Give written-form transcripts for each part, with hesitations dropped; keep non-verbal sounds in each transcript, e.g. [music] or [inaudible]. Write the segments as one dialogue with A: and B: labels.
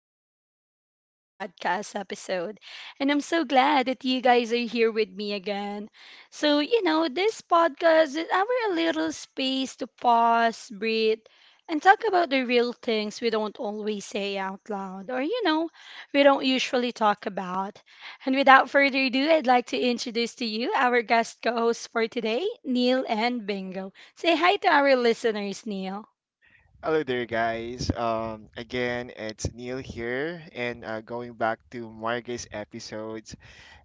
A: welcome back to another podcast episode. And I'm so glad that you guys are here with me again. So, this podcast is our little space to pause, breathe, and talk about the real things we don't always say out loud. We don't usually talk about. And without further ado, I'd like to introduce to you our guest co hosts for today, Neil and Bingo. Say hi to our listeners, Neil.
B: Hello there, guys. Again, it's Neil here, and going back to Margay's episodes.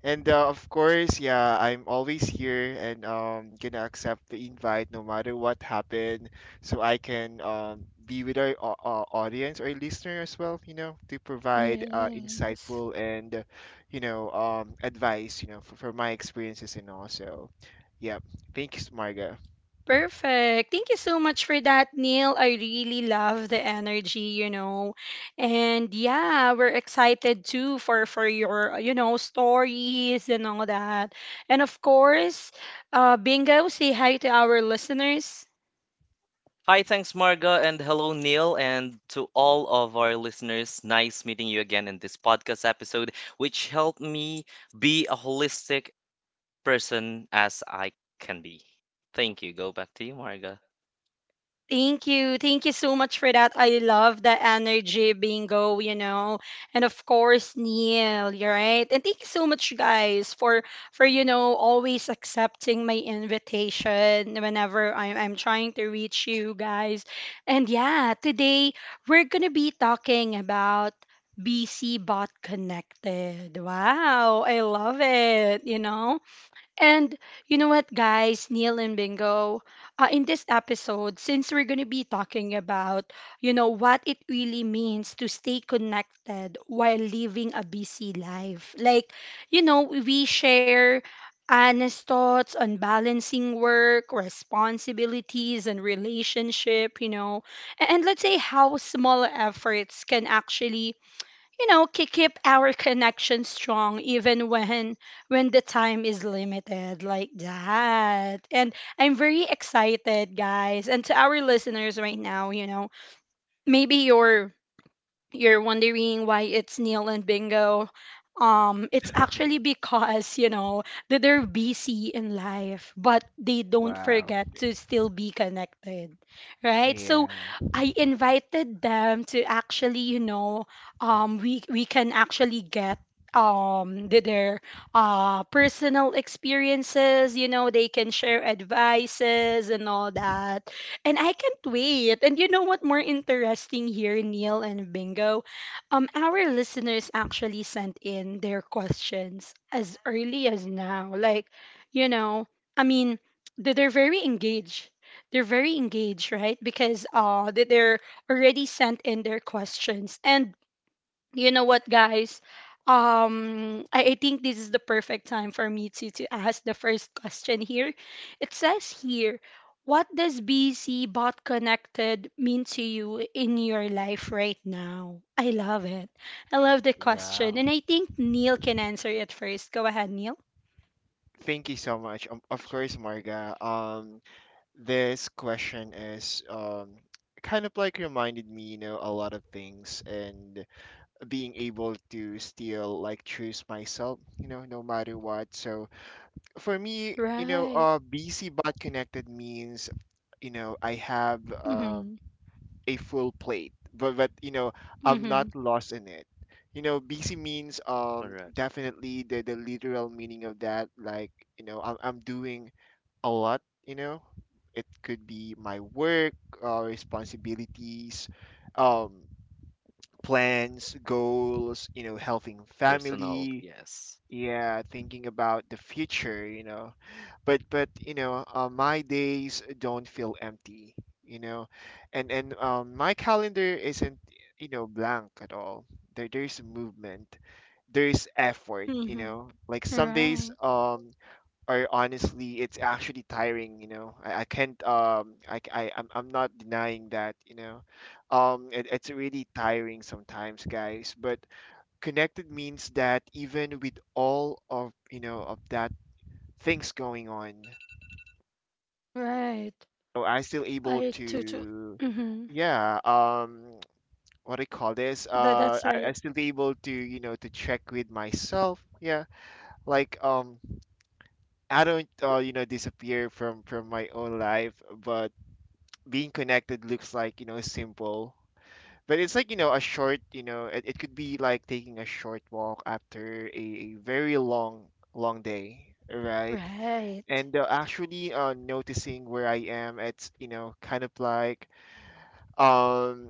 B: And of course, yeah, I'm always here and gonna accept the invite no matter what happened, so I can be with our, audience or listener as well, you know, to provide
A: Yes.
B: insightful advice, you know, for my experiences and also. Yep. Thanks, Marga.
A: Perfect. Thank you so much for that, Neil. I really love the energy, you know. And yeah, we're excited too for your, you know, stories and all that. And of course, Bingo, say hi to our listeners.
C: Hi, thanks, Marga, and hello, Neil, and to all of our listeners. Nice meeting you again in this podcast episode, which helped me be a holistic person as I can be. Thank you. Go back to you, Marga.
A: Thank you. Thank you so much for that. I love the energy bingo, you know. And of course, Neil, you're right. And thank you so much guys for you know always accepting my invitation whenever I'm trying to reach you guys. And yeah, today we're gonna be talking about BC Bot Connected. Wow, I love it, you know? And you know what, guys, Neil and Bingo, in this episode, since we're going to be talking about, you know, what it really means to stay connected while living a busy life, like, you know, we share honest thoughts on balancing work, responsibilities, and relationship, you know, and, let's say how small efforts can actually you know keep our connection strong even when the time is limited like that. And I'm very excited, guys, and to our listeners right now, you know, maybe you're wondering why it's Neil and Bingo. It's actually because, you know, that they're busy in life, but they don't
B: Wow.
A: forget to still be connected, right? So
B: Yeah.
A: I invited them to actually, you know, we can actually get the, their personal experiences, you know, they can share advices and all that. And I can't wait. And you know what more interesting here, Neil and Bingo? Our listeners actually sent in their questions as early as now. Like, you know, I mean, they're very engaged. They're very engaged, right? Because they're already sent in their questions. And you know what, guys, I think this is the perfect time for me to ask the first question here. It says here, what does BC Bot Connected mean to you in your life right now? I love it. I love the question,
B: Wow.
A: and I think Neil can answer it first. Go ahead, Neil.
B: Thank you so much. Of course, Marga. This question is kind of like reminded me, you know, a lot of things and being able to still like choose myself, you know, no matter what. So for me, you know,
A: Right.
B: BC bot connected means, you know, I have
A: Mm-hmm.
B: a full plate, but you know, I'm
A: Mm-hmm.
B: not lost in it. You know, BC means
C: Correct.
B: definitely the literal meaning of that, like you know, I'm doing a lot, you know. It could be my work, responsibilities, um, plans, goals, you know, helping
C: Personal,
B: family,
C: yes.
B: yeah, thinking about the future, you know. But you know, my days don't feel empty, you know, and my calendar isn't you know blank at all. There's movement, there's effort, you
A: Mm-hmm.
B: know, like some
A: Right.
B: days or honestly, it's actually tiring, you know. I can't I, c- I am I'm not denying that, you know. It's really tiring sometimes, guys, but connected means that even with all of, you know, of that things going on,
A: Right.
B: so I still able
A: I too too
B: to
A: mm-hmm.
B: yeah, [tsk] what do you call this?
A: that, that's right.
B: I still able to, you know, to check with myself. Yeah. Like I don't you know disappear from my own life, but being connected looks like you know simple but it's like you know a short you know it could be like taking a short walk after a very long day, right.
A: Right.
B: And actually noticing where I am, it's you know kind of like um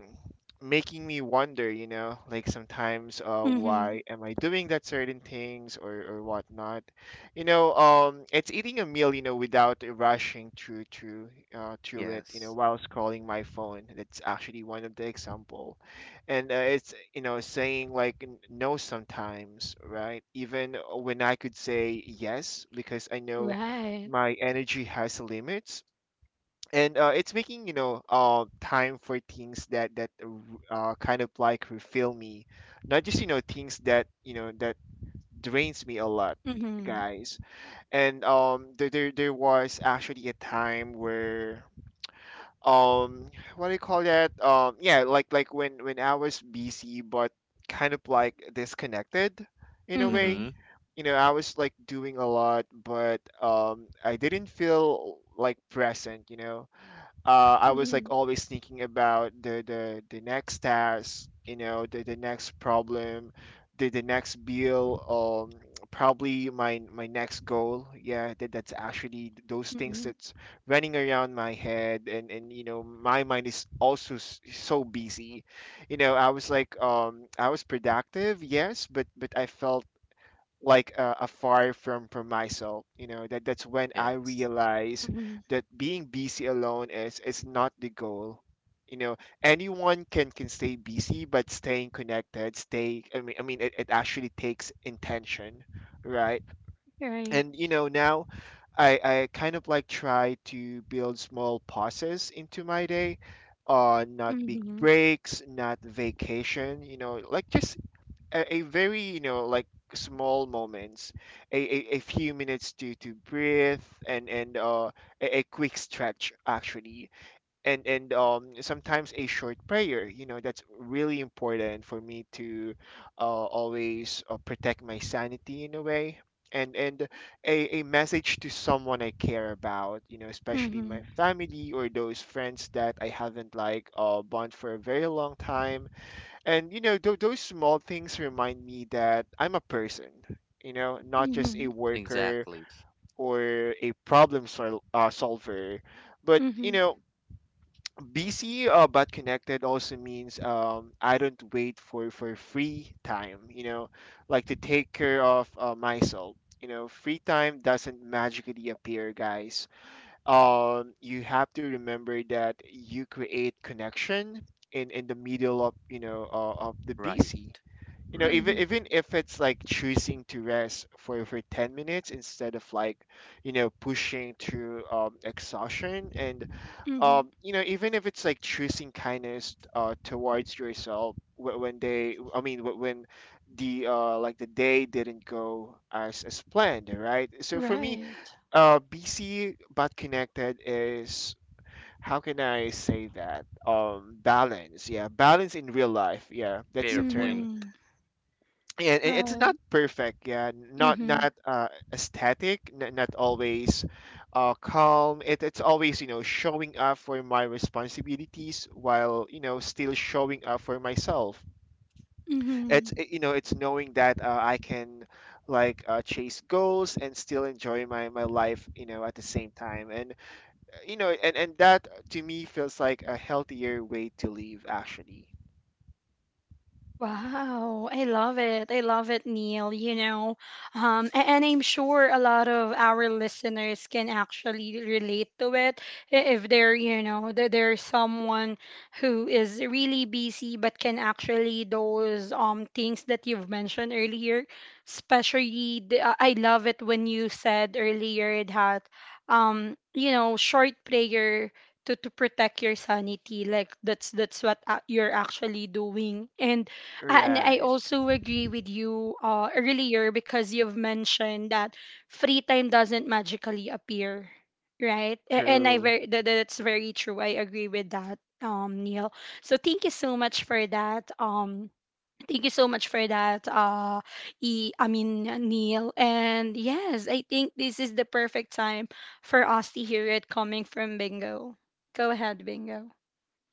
B: making me wonder, you know, like sometimes why am I doing that certain things or whatnot, you know. It's eating a meal, you know, without rushing through it, you know,
C: Yes.
B: while scrolling my phone. That's actually one of the example. And it's you know saying like no sometimes, right, even when I could say yes because I know
A: Right.
B: my energy has limits. And it's making you know time for things that kind of like refill me, not just you know things that you know that drains me a lot,
A: Mhm.
B: guys. And there was actually a time where um what do you call that, yeah, like when I was busy but kind of like disconnected in a way.
C: Mm-hmm.
A: Mhm.
B: You know, I was like doing a lot but I didn't feel like present, you know. I was like
A: Mhm.
B: always thinking about the next task, you know, the next problem, the next bill, probably my next goal. Yeah, that, that's actually those things
A: Mhm.
B: that's running around my head, and you know, my mind is also so busy. You know, I was like, I was productive, yes, but I felt like afar from myself, you know. That, that's when I
C: Yes.
B: realize
A: Mhm.
B: that being busy alone is not the goal, you know. Anyone can stay busy, but staying connected, stay I mean, it, it actually takes intention, right.
A: Right.
B: And you know now I kind of like try to build small pauses into my day. Not big
A: Mhm.
B: breaks, not vacation, you know, like just a very you know like small moments, a few minutes to breathe, and and uh, a quick stretch actually, and sometimes a short prayer, you know. That's really important for me to always protect my sanity in a way. and and a message to someone I care about, you know, especially
A: Mhm.
B: my family or those friends that I haven't like bond for a very long time. And you know, those small things remind me that I'm a person, you know, not just a
A: Mhm.
B: worker
C: Exactly.
B: or a solver. But you
A: Mhm.
B: know, busy but connected also means I don't wait for free time, you know, like to take care of myself. You know, free time doesn't magically appear, guys. You have to remember that you create connection in the middle of you know of the
C: Right.
B: busy, you know,
C: Right.
B: even
A: Mhm.
B: even if it's like choosing to rest for 10 minutes instead of like, you know, pushing through exhaustion. And
A: Mhm.
B: you know, even if it's like choosing kindness towards yourself wh- when they I mean when the the day didn't go as planned, right? So for me,
A: Right.
B: busy but connected is, how can I say that? Balance. Yeah, balance in real life. Yeah, that's the
C: Fair
B: term.
C: point.
A: Mhm.
B: Yeah, it's
A: Right.
B: not perfect. Yeah, not
A: Mhm.
B: aesthetic. Not always calm. It's always you know showing up for my responsibilities while you know still showing up for myself.
A: Mhm.
B: It's you know it's knowing that I can like chase goals and still enjoy my life, you know, at the same time. And you know and that to me feels like a healthier way to live actually.
A: Wow, I love it. I love it, Neil. You know, I'm sure a lot of our listeners can actually relate to it if they're, you know, there's someone who is really busy but can actually those things that you've mentioned earlier. Especially, the, I love it when you said earlier that, you know, short prayer. To protect your sanity, like that's what you're actually doing. And I
B: Right.
A: also agree with you, earlier, because you've mentioned that free time doesn't magically appear, right? And I
B: True.
A: very that's very true. I agree with that, Neil. So thank you so much for that. Thank you so much for that. I mean Neil. And yes, I think this is the perfect time for us to hear it coming from Bingo. Go ahead, Bingo.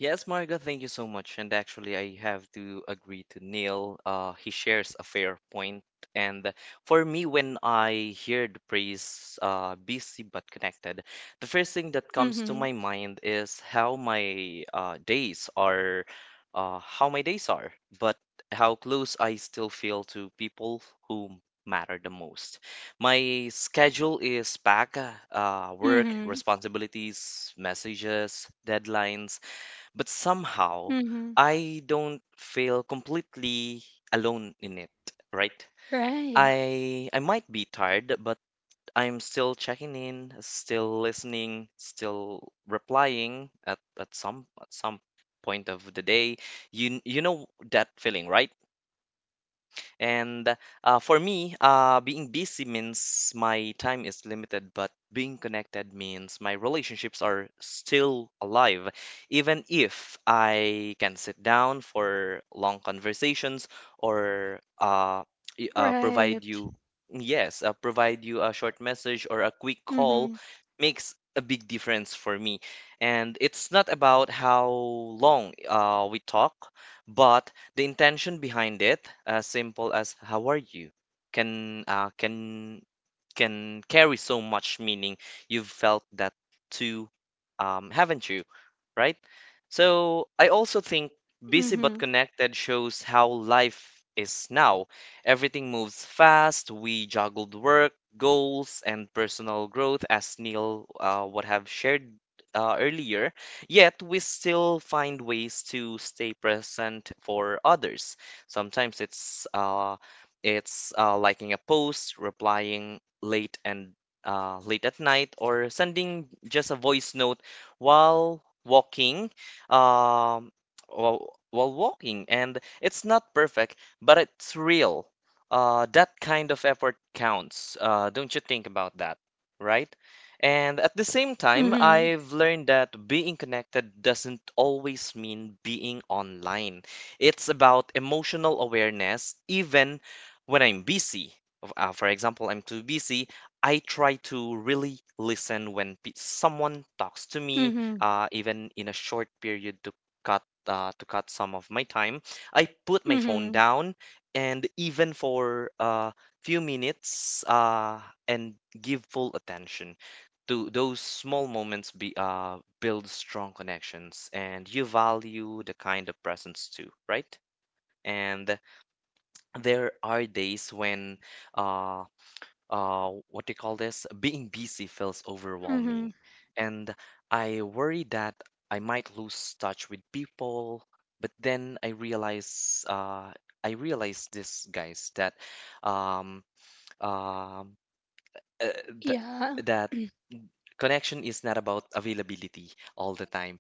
C: Yes, Marga, thank you so much. And actually, I have to agree to Neil. He shares a fair point. And for me, when I hear the phrase busy but connected, the first thing that comes to
A: Mm-hmm.
C: my mind is how my days are, uh, how my days are, but how close I still feel to people who matter the most. My schedule is packed, work,
A: Mm-hmm.
C: responsibilities, messages, deadlines, but somehow,
A: Mm-hmm.
C: I don't feel completely alone in it, right?
A: Right.
C: I might be tired, but I'm still checking in, still listening, still replying at, at some point of the day. You know that feeling, right? And for me, being busy means my time is limited, but being connected means my relationships are still alive, even if I can sit down for long conversations or y- uh, provide
A: Right.
C: you, yes, provide you a short message or a quick call
A: Mm-hmm.
C: makes a big difference for me. And it's not about how long we talk, but the intention behind it. As simple as "How are you?" can uh, can can carry so much meaning. You've felt that too, haven't you? Right? So I also think Busy But
A: Mm-hmm.
C: Connected shows how life is now. Everything moves fast. We juggled work, goals, and personal growth, as Neil would have shared earlier. Yet, we still find ways to stay present for others. Sometimes it's liking a post, replying late and late at night, or sending just a voice note while walking. Um, while walking, and it's not perfect, but it's real. That kind of effort counts. Don't you think about that, right? And at the same time,
A: Mm-hmm.
C: I've learned that being connected doesn't always mean being online. It's about emotional awareness, even when I'm busy. For example, I'm too busy. I try to really listen when someone talks to me,
A: Mm-hmm.
C: even in a short period to cut some of my time. I put my phone
A: Mm-hmm.
C: down, and even for a few minutes, and give full attention. Those small moments build strong connections and you value the kind of presence too, right? And there are days when uh, what do you call this? Being busy feels
A: Mm-hmm.
C: overwhelming. And I worry that I might lose touch with people, but then I realize this, guys, that um, um, uh,
A: Yeah.
C: that
A: [clears throat]
C: connection is not about availability all the time,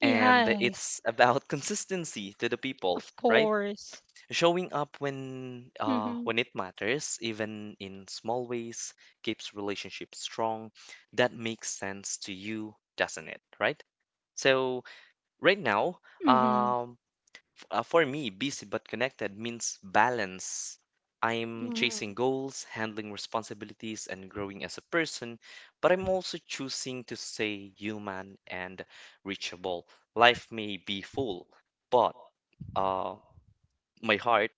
C: and it's
A: Yes.
C: about [laughs] consistency to the people,
A: Of
C: right?
A: course.
C: Showing up
A: Mm-hmm.
C: when it matters, even in small ways, keeps relationships strong. That makes sense to you, doesn't it? Right? So right now,
A: Mm-hmm.
C: um, for me, busy but connected means balance. I'm
A: Mm-hmm.
C: chasing goals, handling responsibilities, and growing as a person, but I'm also choosing to stay human and reachable. Life may be full, but uh, my heart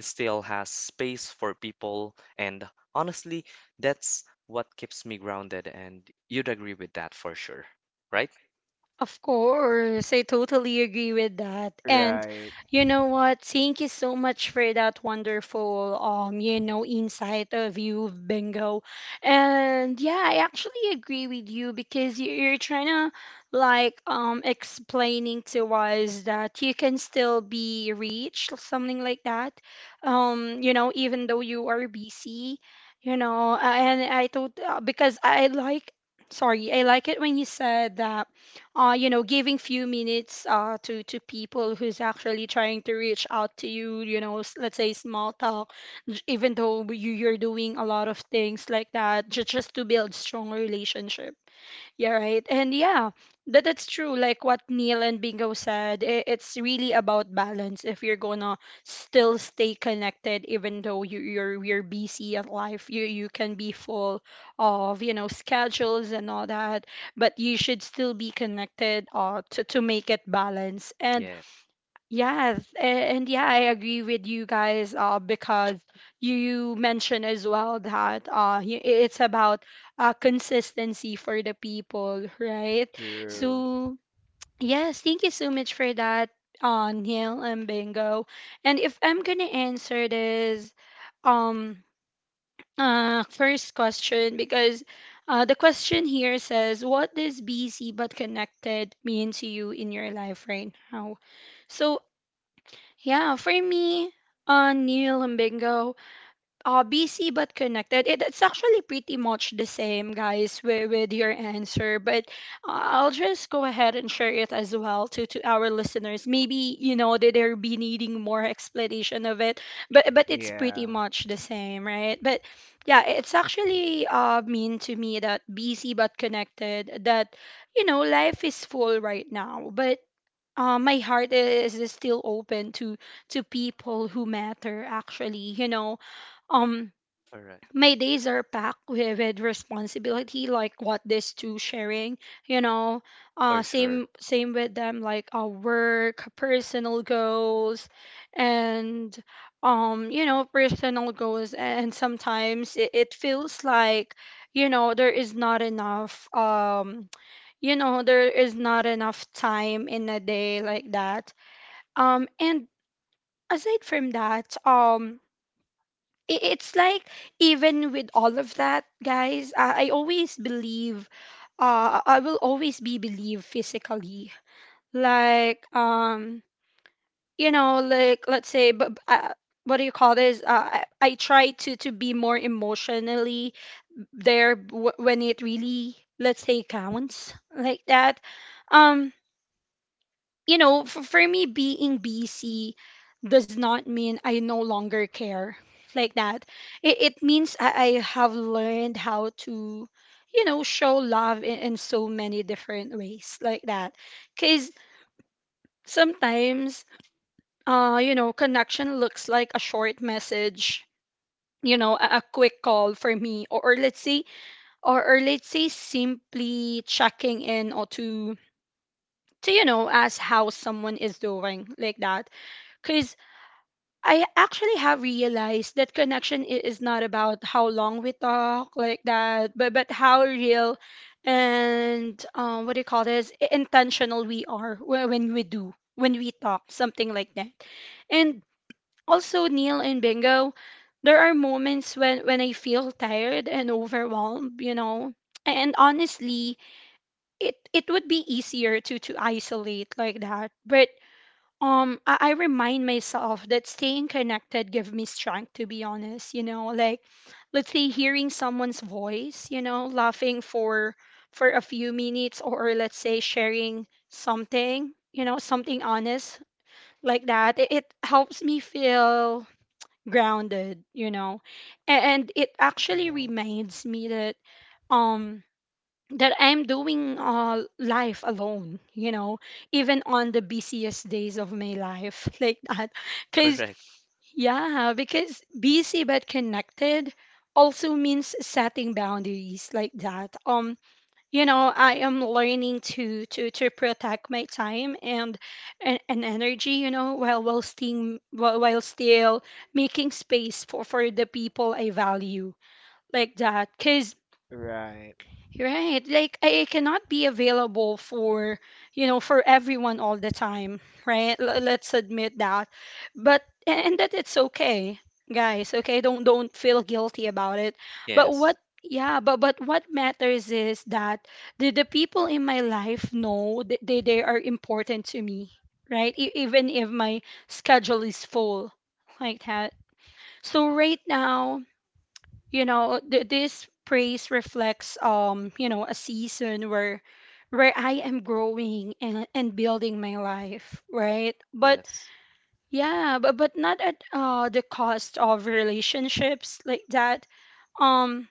C: still has space for people, and honestly, that's what keeps me grounded, and you'd agree with that for sure, right?
A: Of course, I totally agree with that. And
B: Right.
A: you know what? Thank you so much for that wonderful, you know, insight of you, Bingo. And yeah, I actually agree with you, because you're trying to like explaining to us that you can still be reached, something like that. You know, even though you are busy, you know, and I thought because I like, sorry, I like it when you said that, you know, giving few minutes, to people who's actually trying to reach out to you, you know, let's say small talk, even though you're doing a lot of things like that, just to build strong relationship. Yeah, right. And yeah, that's true. Like what Neil and Bingo said, it's really about balance. If you're gonna still stay connected, even though you're busy at life, you can be full of you know schedules and all that, but you should still be connected, to make it balance. And
C: Yeah,
A: yes, a- and yeah, I agree with you guys, because you mentioned as well that, it's about, consistency for the people, right?
B: True.
A: So, yes, thank you so much for that, Neil and Bingo. And if I'm gonna answer this um first question, because, the question here says, what does busy but connected mean to you in your life right now? So yeah, for me, Neil and Bingo, busy but connected. It's actually pretty much the same, guys, with your answer. But, I'll just go ahead and share it as well to our listeners. Maybe, you know, they'll be needing more explanation of it. But it's pretty
B: Yeah.
A: much the same, right? But yeah, it's actually, mean to me that busy but connected, that, you know, life is full right now. But, my heart is still open to people who matter, actually, you know. Um,
C: all right,
A: my days are packed with responsibility, like what these two sharing, you know, uh,
C: for sure.
A: same with them, like, work, personal goals and um, you know, personal goals. And sometimes it, it feels like, you know, there is not enough um, you know, there is not enough time in a day like that. Um, and aside from that, it's like, even with all of that, guys, I always believe, I will always be believe physically. Like, you know, like let's say, but what do you call this? I try to be more emotionally there when it really, let's say, counts like that. Um, you know, for me, being busy does not mean I no longer care like that. It means I have learned how to, you know, show love in so many different ways like that. Because sometimes, you know, connection looks like a short message. You know, a quick call for me, or let's say, simply checking in, or to you know, ask how someone is doing, like that. Because I actually have realized that connection is not about how long we talk like that, but how real and what do you call this? Intentional we are when we do, when we talk, something like that. And also, Neil and Bingo, there are moments when I feel tired and overwhelmed, you know. And honestly, it would be easier to isolate like that, but I remind myself that staying connected gives me strength, to be honest. You know, like, let's say hearing someone's voice, you know, laughing for a few minutes, or let's say sharing something, you know, something honest like that. It helps me feel grounded, you know, and it actually
B: Mhm.
A: reminds me that um, that I'm doing all life alone, you know, even on the busiest days of my life, [laughs] like that. Because,
C: Correct.
A: yeah, because busy but connected also means setting boundaries like that. You know, I am learning to protect my time and energy, you know, while staying while still making space for the people I value like that. Because
B: Right.
A: right. Like I cannot be available for, you know, for everyone all the time, right? Let's admit that. But and that it's okay, guys. Okay, don't feel guilty about it. But what
C: Yes,
A: yeah, but what matters is that the people in my life know that they are important to me, right? Even if my schedule is full like that. So right now, you know this praise reflects you know a season where I am growing and building my life right, but
C: yes,
A: yeah, but not at the cost of relationships like that. Um,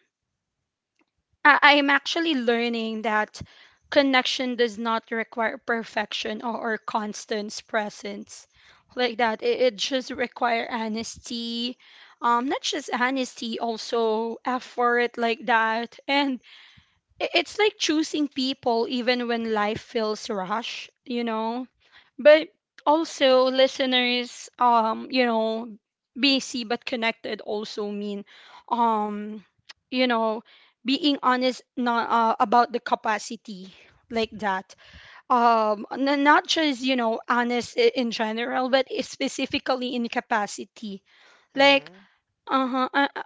A: I am actually learning that connection does not require perfection or constant presence like that. It just require honesty, not just honesty, also effort like that. And it's like choosing people even when life feels rush, But also, listeners, busy but connected also mean, um, you know, being honest not, about the capacity like that. Not just, honest in general, but specifically in capacity. Like,
B: Mhm.
A: uh-huh, uh,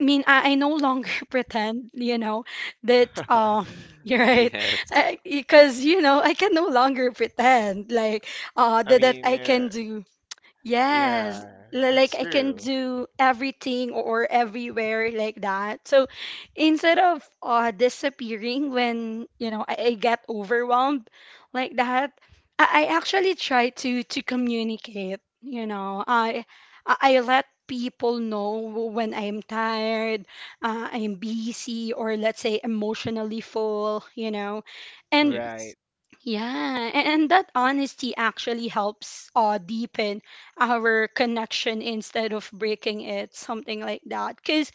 A: I mean, I no longer [laughs] pretend, that
B: [laughs]
A: [laughs] you're
C: [laughs]
A: right,
C: yes.
A: because you know I can no longer pretend like uh
B: I
A: that, that
B: mean,
A: I
B: uh,
A: can do Yes.
B: yeah,
A: Like
B: that's
A: I can
B: true.
A: do everything or everywhere like that. So instead of disappearing when, I get overwhelmed like that, I actually try to communicate, you know. I let people know when I'm tired, I'm busy or let's say emotionally full, you know. And
C: Yes,
B: Right.
A: yeah, and that honesty actually helps deepen our connection instead of breaking it, something like that. Because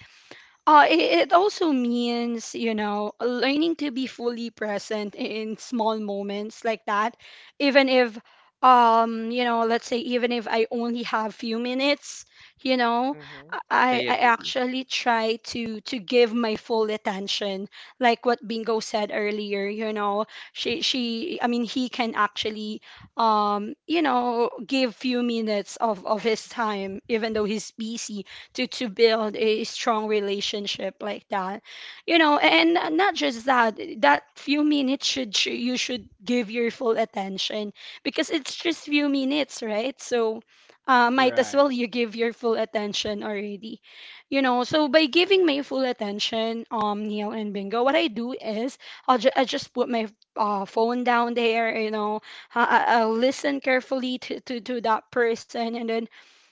A: it also means, you know, learning to be fully present in small moments like that. Even if, you know, let's say even if I only have few minutes, you know,
B: Mhm.
C: I
A: I
C: agree.
A: actually try to give my full attention, like what Bingo said earlier, you know, she, I mean, he can actually, you know, give few minutes of his time, even though he's busy to build a strong relationship like that, you know. And not just that few minutes you should give your full attention because it's just few minutes, right? So might as
B: Right.
A: well you give your full attention already, you know. So by giving my full attention, Neil and Bingo, what I do is I just put my phone down there, you know. I'll listen carefully to that person, and then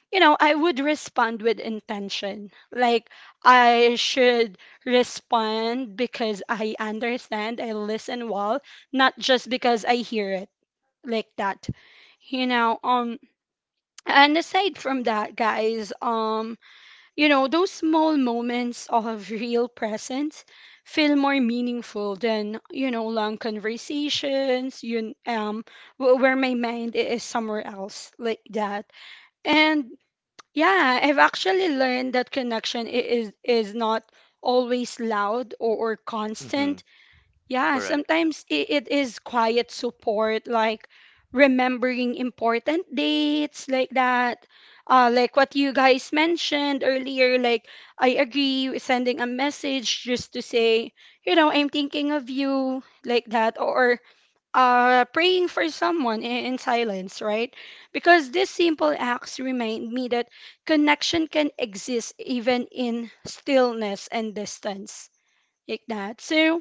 A: you know, I would respond with intention. Like, I should respond because I understand, I listen well, not just because I hear it like that. You know, um, and aside from that, guys, those small moments of [laughs] real presence feel more meaningful than, you know, long conversations, where my mind is somewhere else like that. And yeah, I've actually learned that connection is not always loud or
C: Mm-hmm.
A: constant. Yeah,
C: Correct.
A: sometimes I it is quiet support, like remembering important dates like that. Like what you guys mentioned earlier, like I agree, with sending a message just to say, you know, I'm thinking of you, like that, or praying for someone in silence, right? Because these simple acts remind me that connection can exist even in stillness and distance. Like that. So,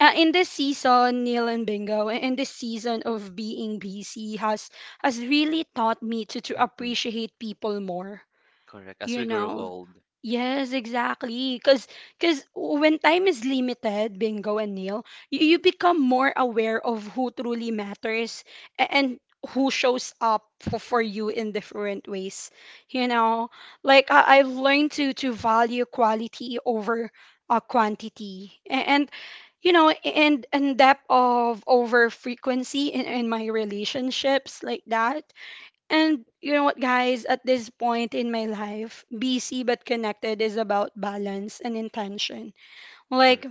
A: in this season, Neil and Bingo, in this season of being busy, has really taught me to
C: Mm-hmm.
A: appreciate people more.
C: Correct. As
A: You
C: we grow
A: know,
C: old.
A: yes, exactly. Because when time is limited, Bingo and Neil, you become more aware of who truly matters, and who shows up for you in different ways. You know, like I, I've learned to value quality over quantity. And you know, and depth of over frequency in my relationships like that. And you know what, guys, at this point in my life, busy but connected is about balance and intention. Like,
C: Correct.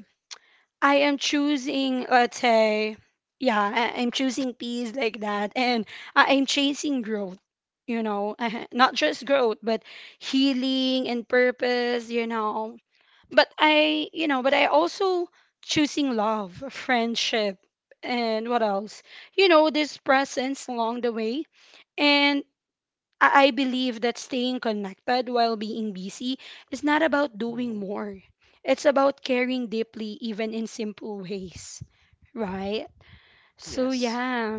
A: I am choosing, let's say, yeah, I'm choosing peace like that, and I'm chasing growth, you know, [laughs] not just growth, but healing and purpose, you know. But I, you know, but I also choosing love, friendship, and what else? You know, this presence along the way. And I believe that staying connected while being busy is not about doing
B: Mhm.
A: more. It's about caring deeply, even in simple ways, right? So,
C: Yes.
A: yeah.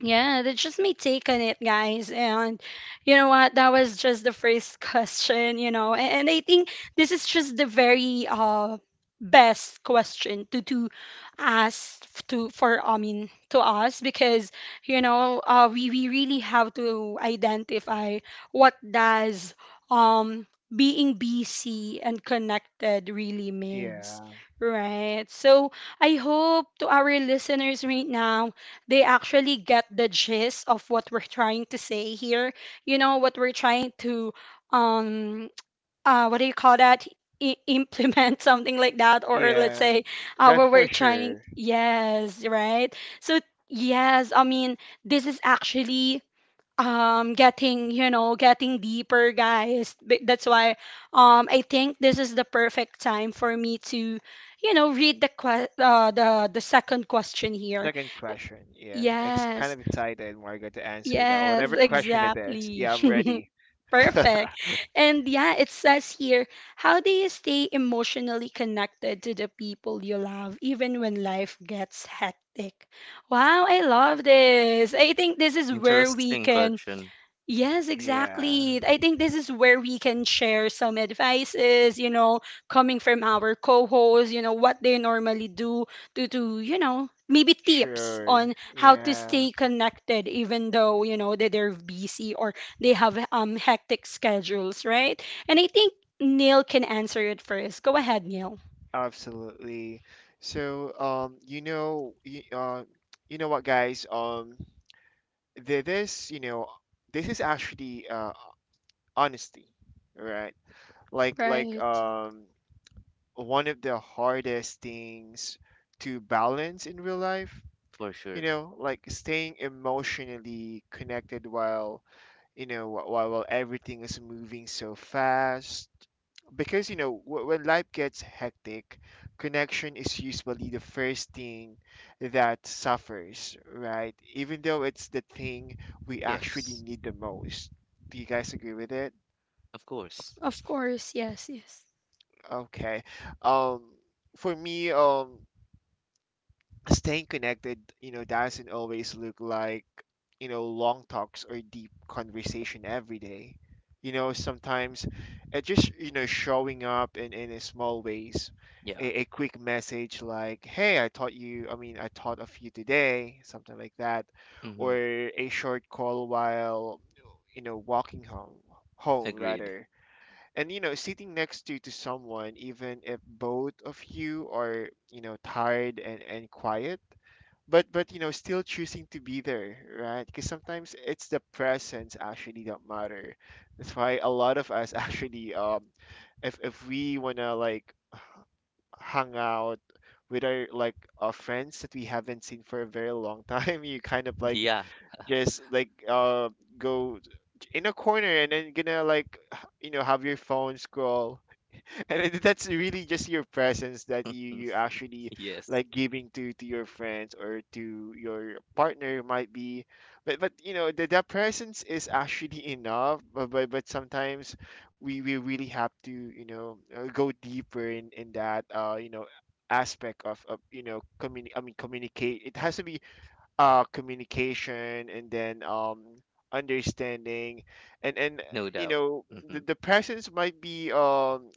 A: Yeah, that's just me taking it, guys. And you know what? That was just the first question, you know. And I think this is just the very best question to ask f- to for I mean to us because we really have to identify what does um being busy and connected really means,
B: Yeah.
A: right? So I hope to our listeners right now they actually get the gist of what we're trying to say here. You know, what we're trying to, um, [tsk] what do you call that? Implement [laughs] something like that, or let's
B: Yeah.
A: say,
B: That's
A: what
B: for
A: we're trying,
B: sure.
A: yes, right? So, yes, I mean, this is actually getting getting deeper, guys. That's why I think this is the perfect time for me to, you know, read the second question here.
B: Second question. Yeah, Ex kind
A: Yes,
B: of excited, Margaret, to answer that.
A: yes,
B: Whatever question it is.
A: exactly.
B: Yeah, I'm
A: [laughs]
B: ready.
A: Perfect. And yeah, it says here, how do you stay emotionally connected to the people you love even when life gets hectic? Wow, I love this. I think this is where we
C: Interesting
A: can
C: question
A: yes,
B: Yeah.
A: exactly. I think this is where we can share some advices, you know, coming from our co-hosts, you know, what they normally do to you know, maybe tips on
B: Sure.
A: how to
B: Yeah.
A: stay connected even though, you know, that they're busy or they have hectic schedules, right? And I think Neil can answer it first. Go ahead, Neil.
B: Absolutely. So, you know, you know what, guys? Th- this You know, this is actually honesty, right. like like um One of the hardest things to balance in real life,
C: for
B: you
C: sure.
B: know, like staying emotionally connected while you know while everything is moving so fast, because you know when life gets hectic, connection is usually the first thing that suffers, right, even though it's the thing we actually
C: Yes.
B: need the most. Do you guys agree with it?
C: Of course.
A: Of course, yes, yes.
B: Okay. um for me, staying connected, you know, doesn't always look like, you know, long talks or deep conversation every day. You know, sometimes it just, you know, showing up in a small ways.
C: Yeah.
B: A quick message like, hey, I mean, I thought of you today, something like that. Or
C: Mm-hmm.
B: a short call while, you know, walking home, home
C: Agreed.
B: rather. And, you know, sitting next to someone, even if both of you are, you know, tired and quiet, but you know still choosing to be there, right, because sometimes it's the presence actually that matter. That's why a lot of us [laughs] actually if we want to like [sighs] hang out with our friends that we haven't seen for a very long time, [laughs] you kind of like
C: Yeah.
B: just like go in a corner and then gonna like [sighs] you know have your phone scroll, and that's really just your presence that
C: [laughs]
B: you actually
C: Yes.
B: like giving to your friends or to your partner might be, but you know that that presence is actually enough. But sometimes we really have to you know go deeper in that you know aspect of you know I mean communicate. It has to be communication. And then understanding and
C: No
B: you
C: doubt.
B: know the,
C: Mm-hmm.
B: the presence might be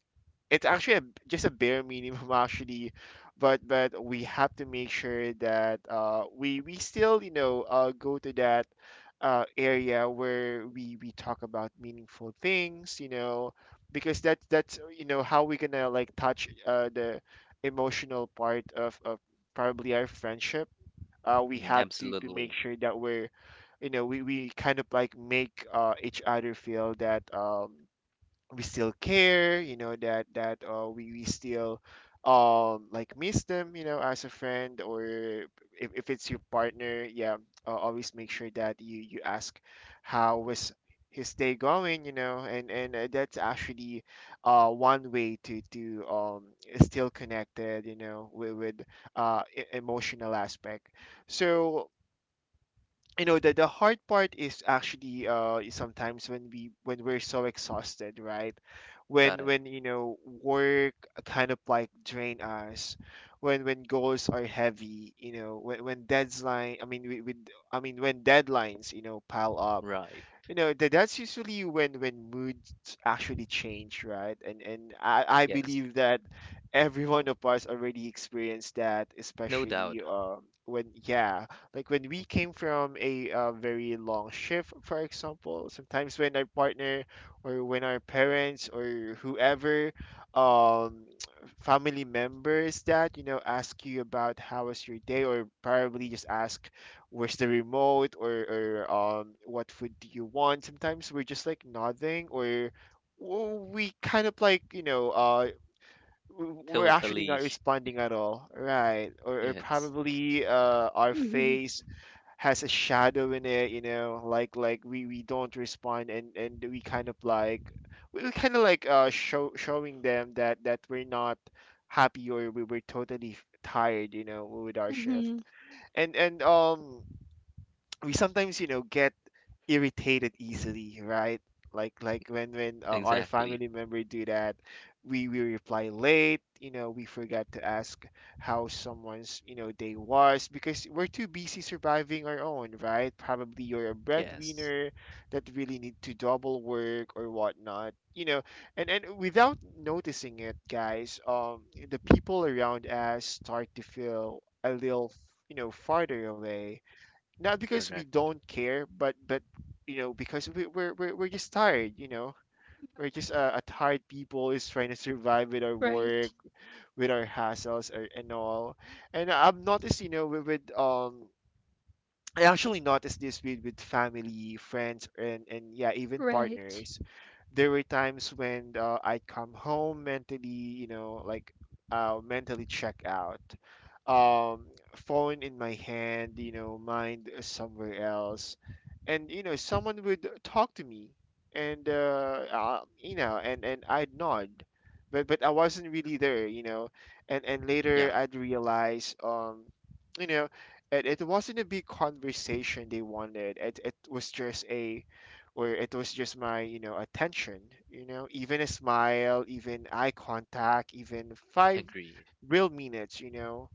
B: it's actually just a bare minimum [laughs] actually. But we have to make sure that we still go to that area where we talk about meaningful things. Because that's how we gonna like touch the emotional part of probably our friendship. We
C: Hmm.
B: have to make
C: Absolutely.
B: sure that we're we kind of like make each other feel that we still care, that that we still like miss them, you know, as a friend, or if it's your partner, yeah. Always make sure that you ask how was his day going, and that's actually one way to still connected, you know, with emotional aspect. So the hard part is actually is sometimes when we're so exhausted, right?
C: Got
B: when
C: it.
B: when work kind of like drain us, when goals are heavy, you know, when deadline I mean with I mean when deadlines, you know, pile up.
C: Right.
B: That's usually when moods actually change, right? And I
C: Yes.
B: believe that every one of us already experienced that,
C: No doubt.
B: especially when, yeah, like when we came from a very long shift, for example. Sometimes when our partner or when our parents or whoever, um, [tsk] family members that, you know, ask you about how was your day, or probably just ask where's the remote, or what food do you want? Sometimes we're just like nodding, or we kind of like, we're actually
C: Totally.
B: not
C: [laughs]
B: responding at all, right? Or
C: Yes.
B: probably our
A: Mm-hmm.
B: face has a shadow in it, you know, like we don't respond, and we kind of like showing them that we're not happy, or we were totally tired, you know, with our shift.
A: Mm-hmm.
B: And we sometimes, you know, get irritated easily, right? Like when our
C: Exactly.
B: family member do that, we reply late, you know, we forgot to ask how someone's, you know, day was, because we're too busy surviving our own, right? Probably you're a
C: Yes.
B: breadwinner that really need to double work or whatnot, you know. And without noticing it, guys, the people around us start to feel a little, you know, farther away, not because we
C: Correct.
B: don't care, but you know, because we, we're just tired. You know, we're just a tired people is trying to survive with our
A: Right,
B: work, with our hassles, or and all. And I've noticed, you know, with I actually noticed this with, family, friends, and yeah, even
A: right.
B: partners. There were times when I'd come home mentally, you know, like mentally check out, um, phone in my hand, you know, mind somewhere else, and, you know, someone would talk to me, and you know, and I'd nod, but I wasn't really there, you know, and later
C: Yeah.
B: I'd realize, you know it wasn't a big conversation they wanted, it was just a, or it was just my, attention, you know, even a smile, even eye contact, even five
C: Agreed.
B: real minutes, you know.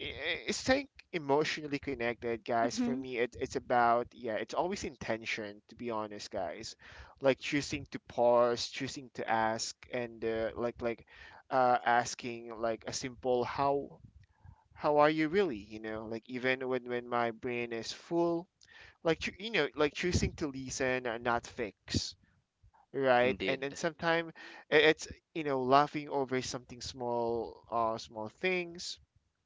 B: It's staying emotionally connected,
A: Mm-hmm.
B: guys. For me, it's about, yeah, it's always intention, to be honest, guys. Like choosing to pause, choosing to ask, and asking like a simple how, are you really, you know, like even when my brain is full, like choosing to listen and not fix, right? And
C: Indeed.
B: sometimes it's, you know, laughing over something small, small things,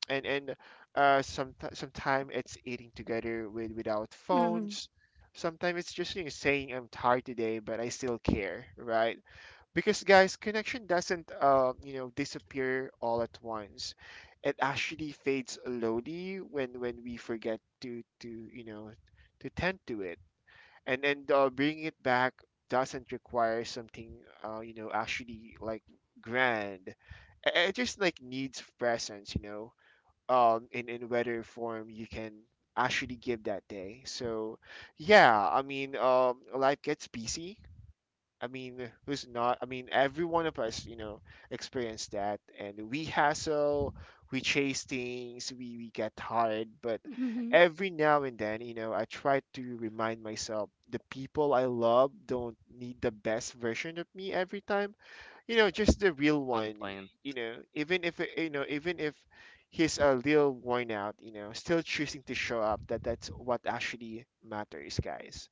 B: and sometimes it's eating together with, without
A: Mm-hmm.
B: phones. Sometimes it's just, you know, saying I'm tired today but I still care, right? Because, guys, connection doesn't, disappear all at once. It actually fades slowly when we forget to, to tend to it. And bringing it back doesn't require something actually, like, grand. It just like needs presence, you know, in whatever form you can actually give that day. So yeah, I mean, life gets busy. I mean, who's not? I mean, every one of us, you know, experienced that, and we hassle, we chase things, we get tired. But every now and then, you know, I try to remind myself the people I love don't need the best version of me every time. You know, just the real
C: On
B: one.
C: point.
B: You know, even if it- you know, Even if he's a little worn out, you know, still choosing to show up. That's what actually matters, guys.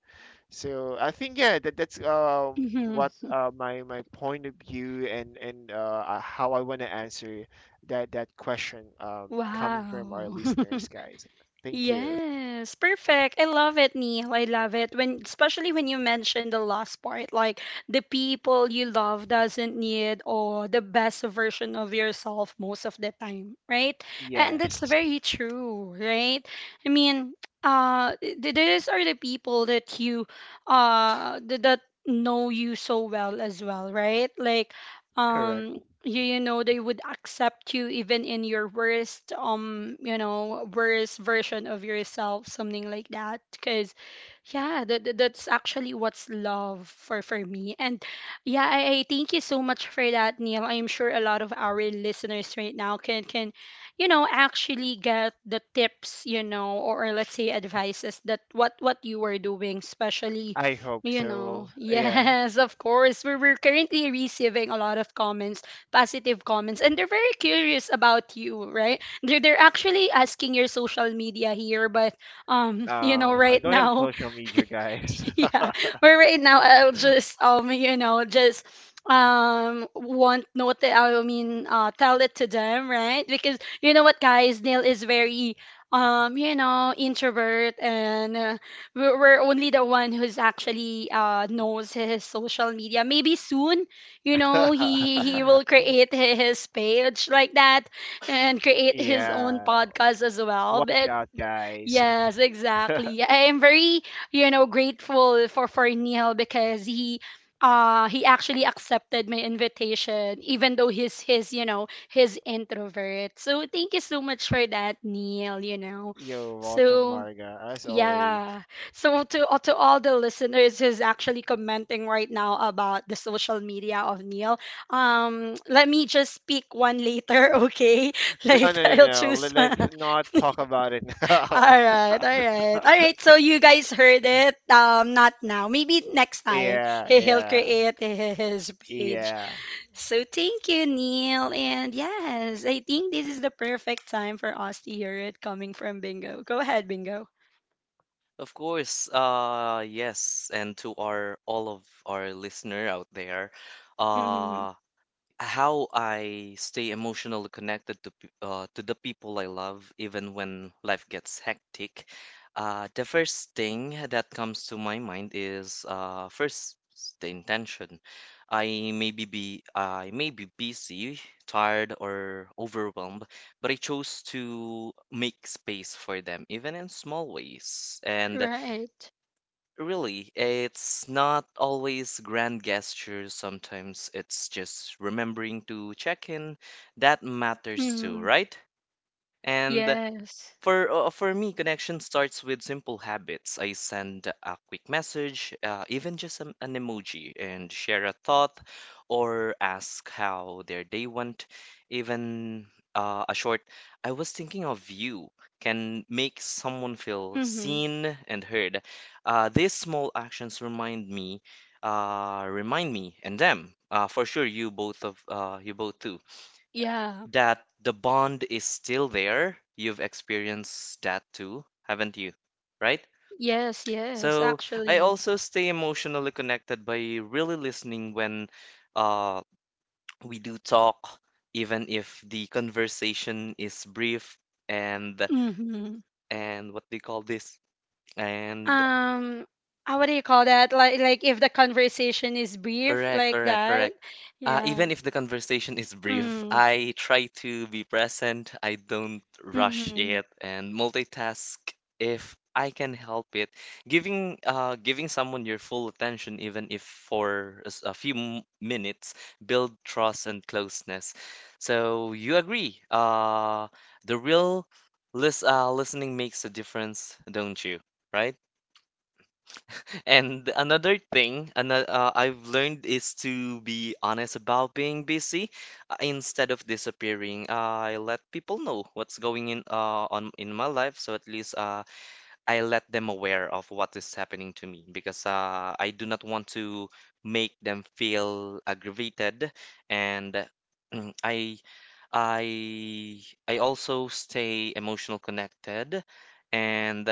B: So I think, yeah, that's what
A: Mm-hmm.
B: my point of view, and how I want to answer that question, coming from our
A: Wow.
B: listeners,
A: [laughs]
B: guys. Thank you.
A: Yes, perfect. I love it, Neil. I love it. When especially when you mentioned the last part, like the people you love doesn't need or the best version of yourself most of the time, right? And that's
B: Yes,
A: very true, right? I mean, these are the people that that know you so well as well, right? Like,
B: correct.
A: um, you, you know they would accept you even in your worst worst version of yourself, something like that, because yeah, that's actually what's love for me. And yeah, I thank you so much for that, Neil. I'm sure a lot of our listeners right now can, you know, actually get the tips, you know, or let's say advices, that what you were doing, especially
B: I hope
A: you
B: so.
A: know, [laughs]
B: Yeah.
A: yes, of course, we're currently receiving a lot of comments, positive comments, and they're very curious about you, right? They're actually asking your social media here, but [laughs] you know,
B: I
A: right
B: don't have
A: now
B: social media, guys.
A: [laughs] yeah, but right now I'll just just want I mean tell it to them, right? Because you know what, guys, Neil is very introvert, and we're only the one who's actually knows his social media. Maybe soon, you know, he
B: [laughs]
A: he will create his page like that and create his own
B: Yeah.
A: podcast as well.
B: Watch
A: But
B: out, guys. [laughs]
A: yes, exactly. Yeah, I am very, you know, grateful for Neil because he actually accepted my invitation even though he's his, you know, his introvert. So thank you so much for that, Neil, you know.
B: You're welcome,
A: So
B: Marga, as always.
A: yeah. So to all the listeners who's actually commenting right now about the social media of Neil, let me just pick one later, [laughs] okay?
B: No, no,
A: Like
B: no,
A: I'll
B: no.
A: choose
B: Let's
A: [laughs]
B: not talk about it now. [laughs]
A: alright, alright. Alright, so you guys heard it. Not now. Maybe next time [laughs]
B: Yeah,
A: he'll
B: yeah,
A: create his page.
B: yeah.
A: So thank you, Neil. And yes, I think this is the perfect time for us to hear it coming from Bingo. Go ahead, Bingo.
C: Of course, yes, and to our all of our listener out there,
A: Mm-hmm.
C: uh, how I stay emotionally connected to to the people I love, even when life gets hectic. The first thing that comes to my mind is the intention. I may be busy, tired, or overwhelmed, but I chose to make space for them, even in small ways. And
A: Right.
C: really, it's not always grand gestures. Sometimes it's just remembering to check in. That matters too,
A: Mm-hmm.
C: right? And
A: Yes.
C: for me, connection starts with simple habits. I send a quick message, even just an emoji, and share a thought or ask how their day went. Even a short, "I was thinking of you," can make someone feel
A: Mm-hmm.
C: seen and heard. These small actions remind me and them. For sure, you both too
A: Yeah.
C: that the bond is still there. You've experienced that too, haven't you? Right?
A: Yes, yes,
C: So I
A: actually.
C: also stay emotionally connected by really listening when uh, we do talk, even if the conversation is brief, and
A: Mm-hmm.
C: and what they call this, and
A: um what do you call that? Like if the conversation is brief
C: correct,
A: like
C: correct,
A: that.
C: correct.
A: Yeah.
C: Even if the conversation is brief,
A: Mm-hmm.
C: I try to be present. I don't rush
A: Mm-hmm.
C: it and multitask if I can help it. Giving someone your full attention, even if for a few minutes, build trust and closeness. So you agree? The real listening makes a difference, don't you? Right? And another thing, another I've learned is to be honest about being busy, instead of disappearing. I let people know what's going in on in my life, so at least I let them aware of what is happening to me, because I do not want to make them feel aggravated. And mm, I I also stay emotional connected, and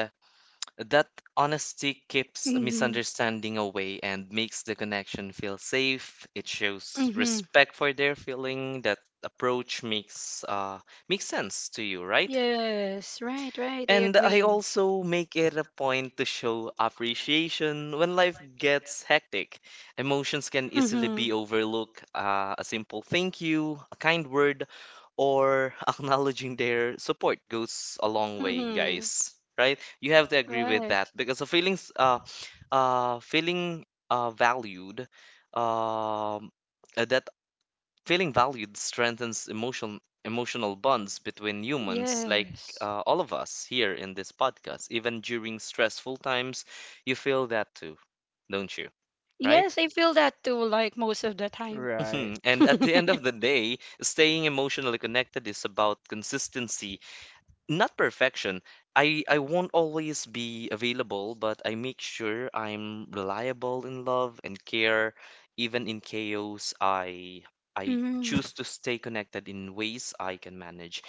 C: that honesty keeps
A: Mm-hmm.
C: misunderstanding away and makes the connection feel safe. It shows
A: Mm-hmm.
C: respect for their feeling. That approach makes sense to you, right?
A: Yes, right, right, I
C: And I
A: agree.
C: also make it a point to show appreciation when life gets hectic. Emotions can easily
A: Mm-hmm.
C: be overlooked. A simple thank you, a kind word, or [laughs] acknowledging their support goes a long way,
A: Mm-hmm.
C: guys. Right? You have to agree with
A: Right.
C: that, because the feelings, uh, feeling uh, valued, um, uh, that feeling valued strengthens emotional bonds between humans, like
A: Yes.
C: all of us here in this podcast. Even during stressful times, you feel that too, don't you? Right?
A: Yes, I feel that too, like most of the time.
B: Right,
C: [laughs] And at the end of
A: [laughs]
C: the day, staying emotionally connected is about consistency, not perfection. I won't always be available, but I make sure I'm reliable in love and care. Even in chaos, I
A: Mm,
C: choose to stay connected in ways I can manage.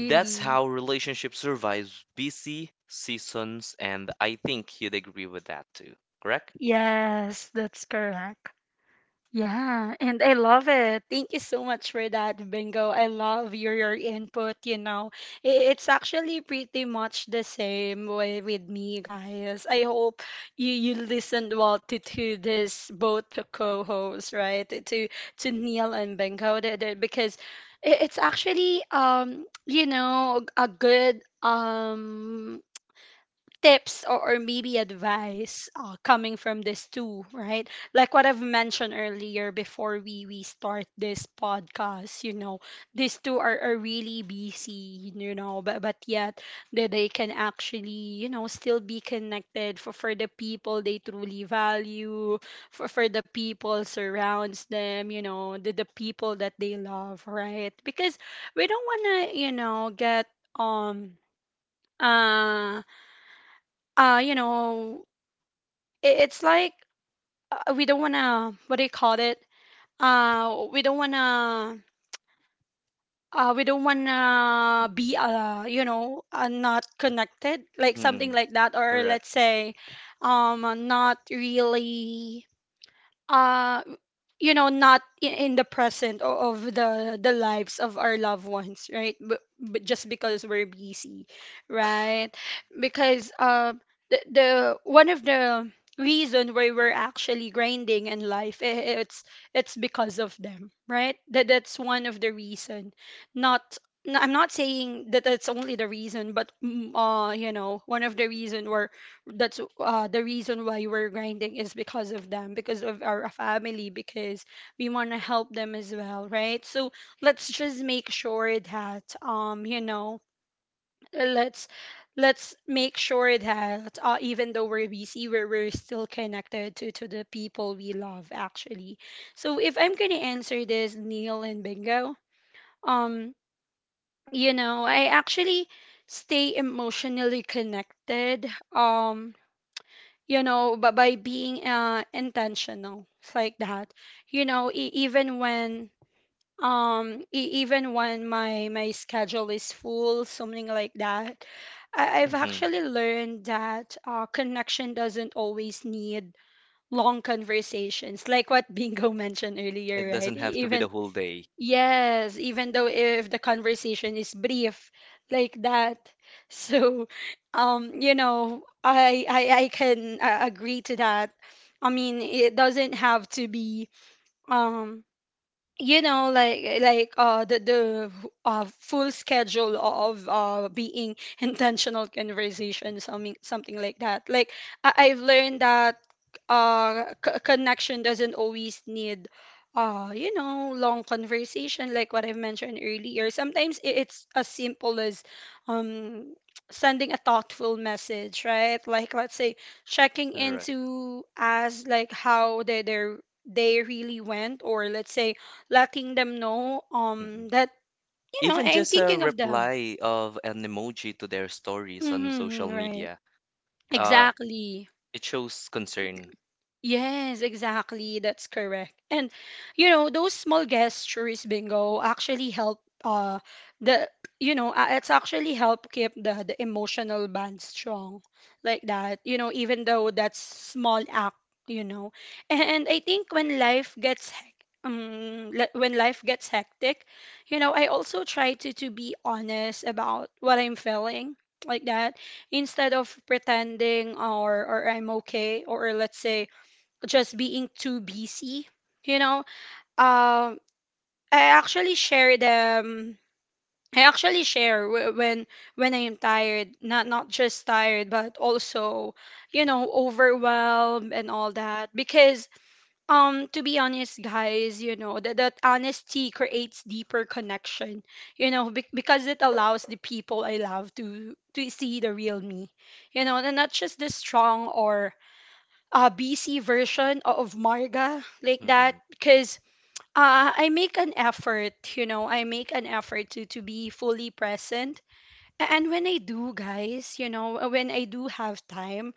C: That's how relationship survives busy seasons, and I think you'd agree with that too, correct?
A: Yes, that's correct. Yeah, and I love it. Thank you so much for that, Bingo. I love your input, you know. I- It's actually pretty much the same way with me, guys. I hope you, you listened well to this both co-hosts, right? To Neil and Bingo, because it's actually you know, a good tips or maybe advice coming from this too, right? Like what I've mentioned earlier before we start this podcast, you know, these two are really busy, you know, but yet they can actually, you know, still be connected for the people they truly value, for the people surrounds them, you know, the people that they love, right? Because we don't want to, you know, get um uh you know, it, it's like we don't wanna what do you call it? We don't wanna we don't
C: When-
A: wanna be not connected, like something
C: Mm-mm,
A: like that, or
C: correct.
A: let's say, not really uh not in the present of the lives of our loved ones, right? But just because we're busy, right? Because the one of the reason why we're actually grinding in life, it's because of them, right? That that's one of the reason. Not I'm not saying that that's only the reason, but one of the reason where that's the reason why we're grinding is because of them, because of our family, because we want to help them as well, right? So let's just make sure that let's let's make sure that even though we're busy, we're still connected to the people we love actually. So if I'm gonna answer this, Neil and Bingo, um you know, I actually stay emotionally connected, um you know, but by being intentional, it's like that. You know, even when even when my schedule is full, something like that. I've
C: Hmm.
A: actually learned that connection doesn't always need long conversations, like what Bingo [laughs] mentioned earlier,
C: It
A: right?
C: doesn't have to be the
A: Even.
C: whole day.
A: Yes, even though if the conversation is brief like that. [laughs] So, you know, I can agree to that. I mean, it doesn't have to be um the full schedule of being [laughs] intentional conversation, something like that. Like I've learned that connection doesn't always need you know, long conversation, like what I've mentioned earlier. Sometimes it's as simple as um sending a thoughtful message, right? Like let's say checking
C: Correct.
A: into as like how they their day really went, or let's say letting them know that you know
C: Even
A: I'm
C: just a
A: thinking of them.
C: reply of an emoji to their stories on social
A: Right.
C: media, uh,
A: Exactly.
C: it shows concern.
A: Yes, exactly. That's correct. And you know, those small gestures, bingo, actually help the you know, it's actually help keep the emotional band strong like that. You know, even though that's small act, you know. And I think when when life gets hectic, you know, I also try to be honest about what I'm feeling like that, instead of pretending or I'm okay, or let's say just being too busy, you know. um i actually share them I actually share when I am tired, not not just tired but also you know overwhelmed and all that. Because to be honest guys, you know that, that honesty creates deeper connection. You know, because it allows the people I love to see the real me, you know, and not just the strong or BC version of Marga like that.
C: Mm-mm.
A: Because I make an effort, you know, I make an effort to be fully present. And when I do, guys, you know, when I do have time,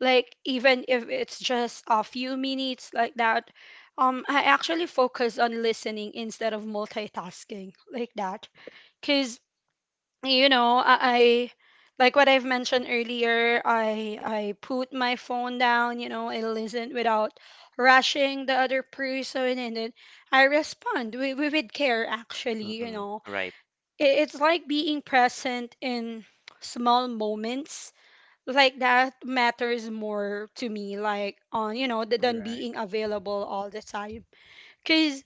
A: like even if it's just a few minutes like that, I actually focus on listening instead of multitasking like that. Cause you know, I like what I've mentioned earlier, I put my phone down, you know, I listen without rushing the other person, and then I respond with care actually, you
C: Mm-mm.
A: know.
C: Right.
A: It's like being present in small moments like that matters more to me, like on you know than
B: right.
A: being available all the time. Because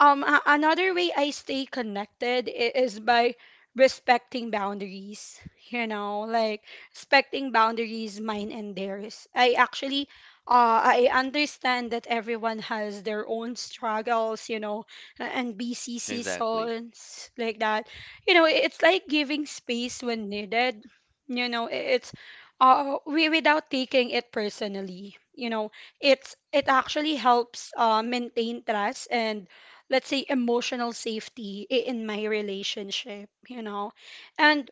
A: another way I stay connected is by respecting boundaries. You know, like respecting boundaries, mine and theirs. I actually, I understand that everyone has their own struggles, you know, and busy
C: Exactly.
A: seasons like that. You know, it's like giving space when needed. You know, it's we without taking it personally. You know, it's it actually helps maintain trust and let's say emotional safety in my relationship, you know. And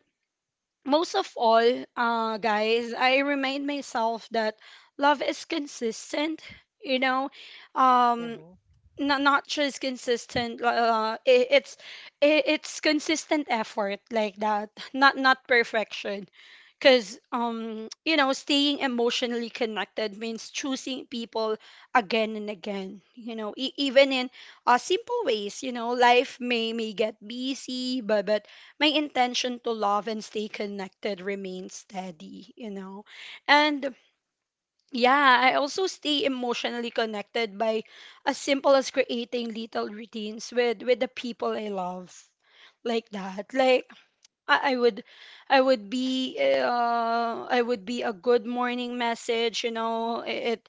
A: most of all, guys, I remind myself that love is consistent, you know. um
B: Mm-hmm.
A: Not, not just consistent I it's consistent effort like that, not not perfection. Because you know, staying emotionally connected means choosing people again and again, you know, even in simple ways. You know, life may get busy, but my intention to love and stay connected remains steady, you know. And yeah, I also stay emotionally connected by as simple as creating little routines with the people I love like that. Like I would I would be a good morning message, you know, it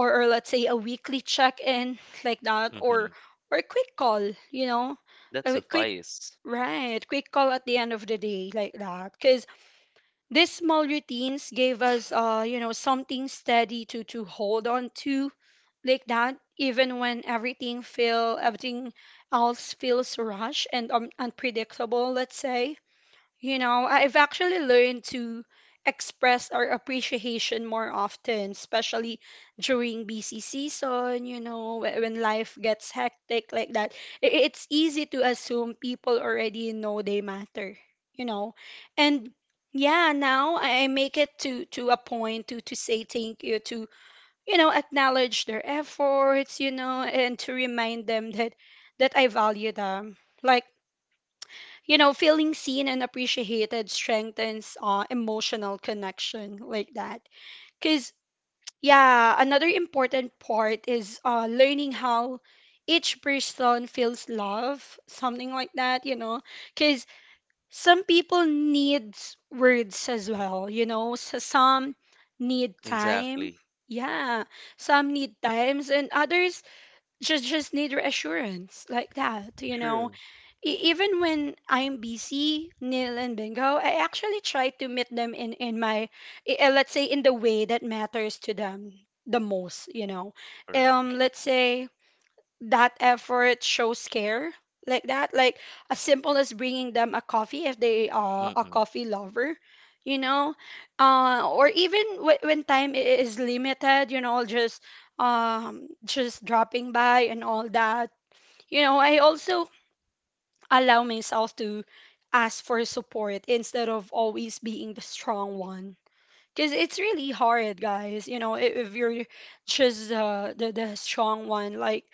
A: or let's say a weekly check-in like that,
C: Mm-hmm.
A: or a quick call, you know.
C: That
A: A quick
C: suffice.
A: Right, quick call at the end of the day like that. Cuz these small routines gave us you know, something steady to hold on to like that, even when everything else feels rushed and unpredictable. Let's say you know, I've actually learned to express our appreciation more often, especially during busy season, you know, when life gets hectic like that. It's easy to assume people already know they matter, you know. And yeah, now I make it to a point to say thank you, to, you know, acknowledge their efforts, you know, and to remind them that that I value them. Like you know, feeling seen and appreciated strengthens emotional connection like that. Because, yeah, another important part is learning how each person feels love, something like that, you know. Because some people need words as well, you know. So some need time.
C: Exactly.
A: Yeah, some need times and others just need reassurance like that, you
B: True.
A: know. Even when I'm busy, Neil and Bingo, I actually try to meet them in my, let's say, in the way that matters to them the most. You know,
C: Correct.
A: let's say that effort shows care like that. Like as simple as bringing them a coffee if they are a
C: Mm-mm.
A: coffee lover. You know, or even when time is limited, you know, just dropping by and all that. You know, I also allow myself to ask for support instead of always being the strong one. Because it's really hard, guys. You know, if you're just the strong one, like,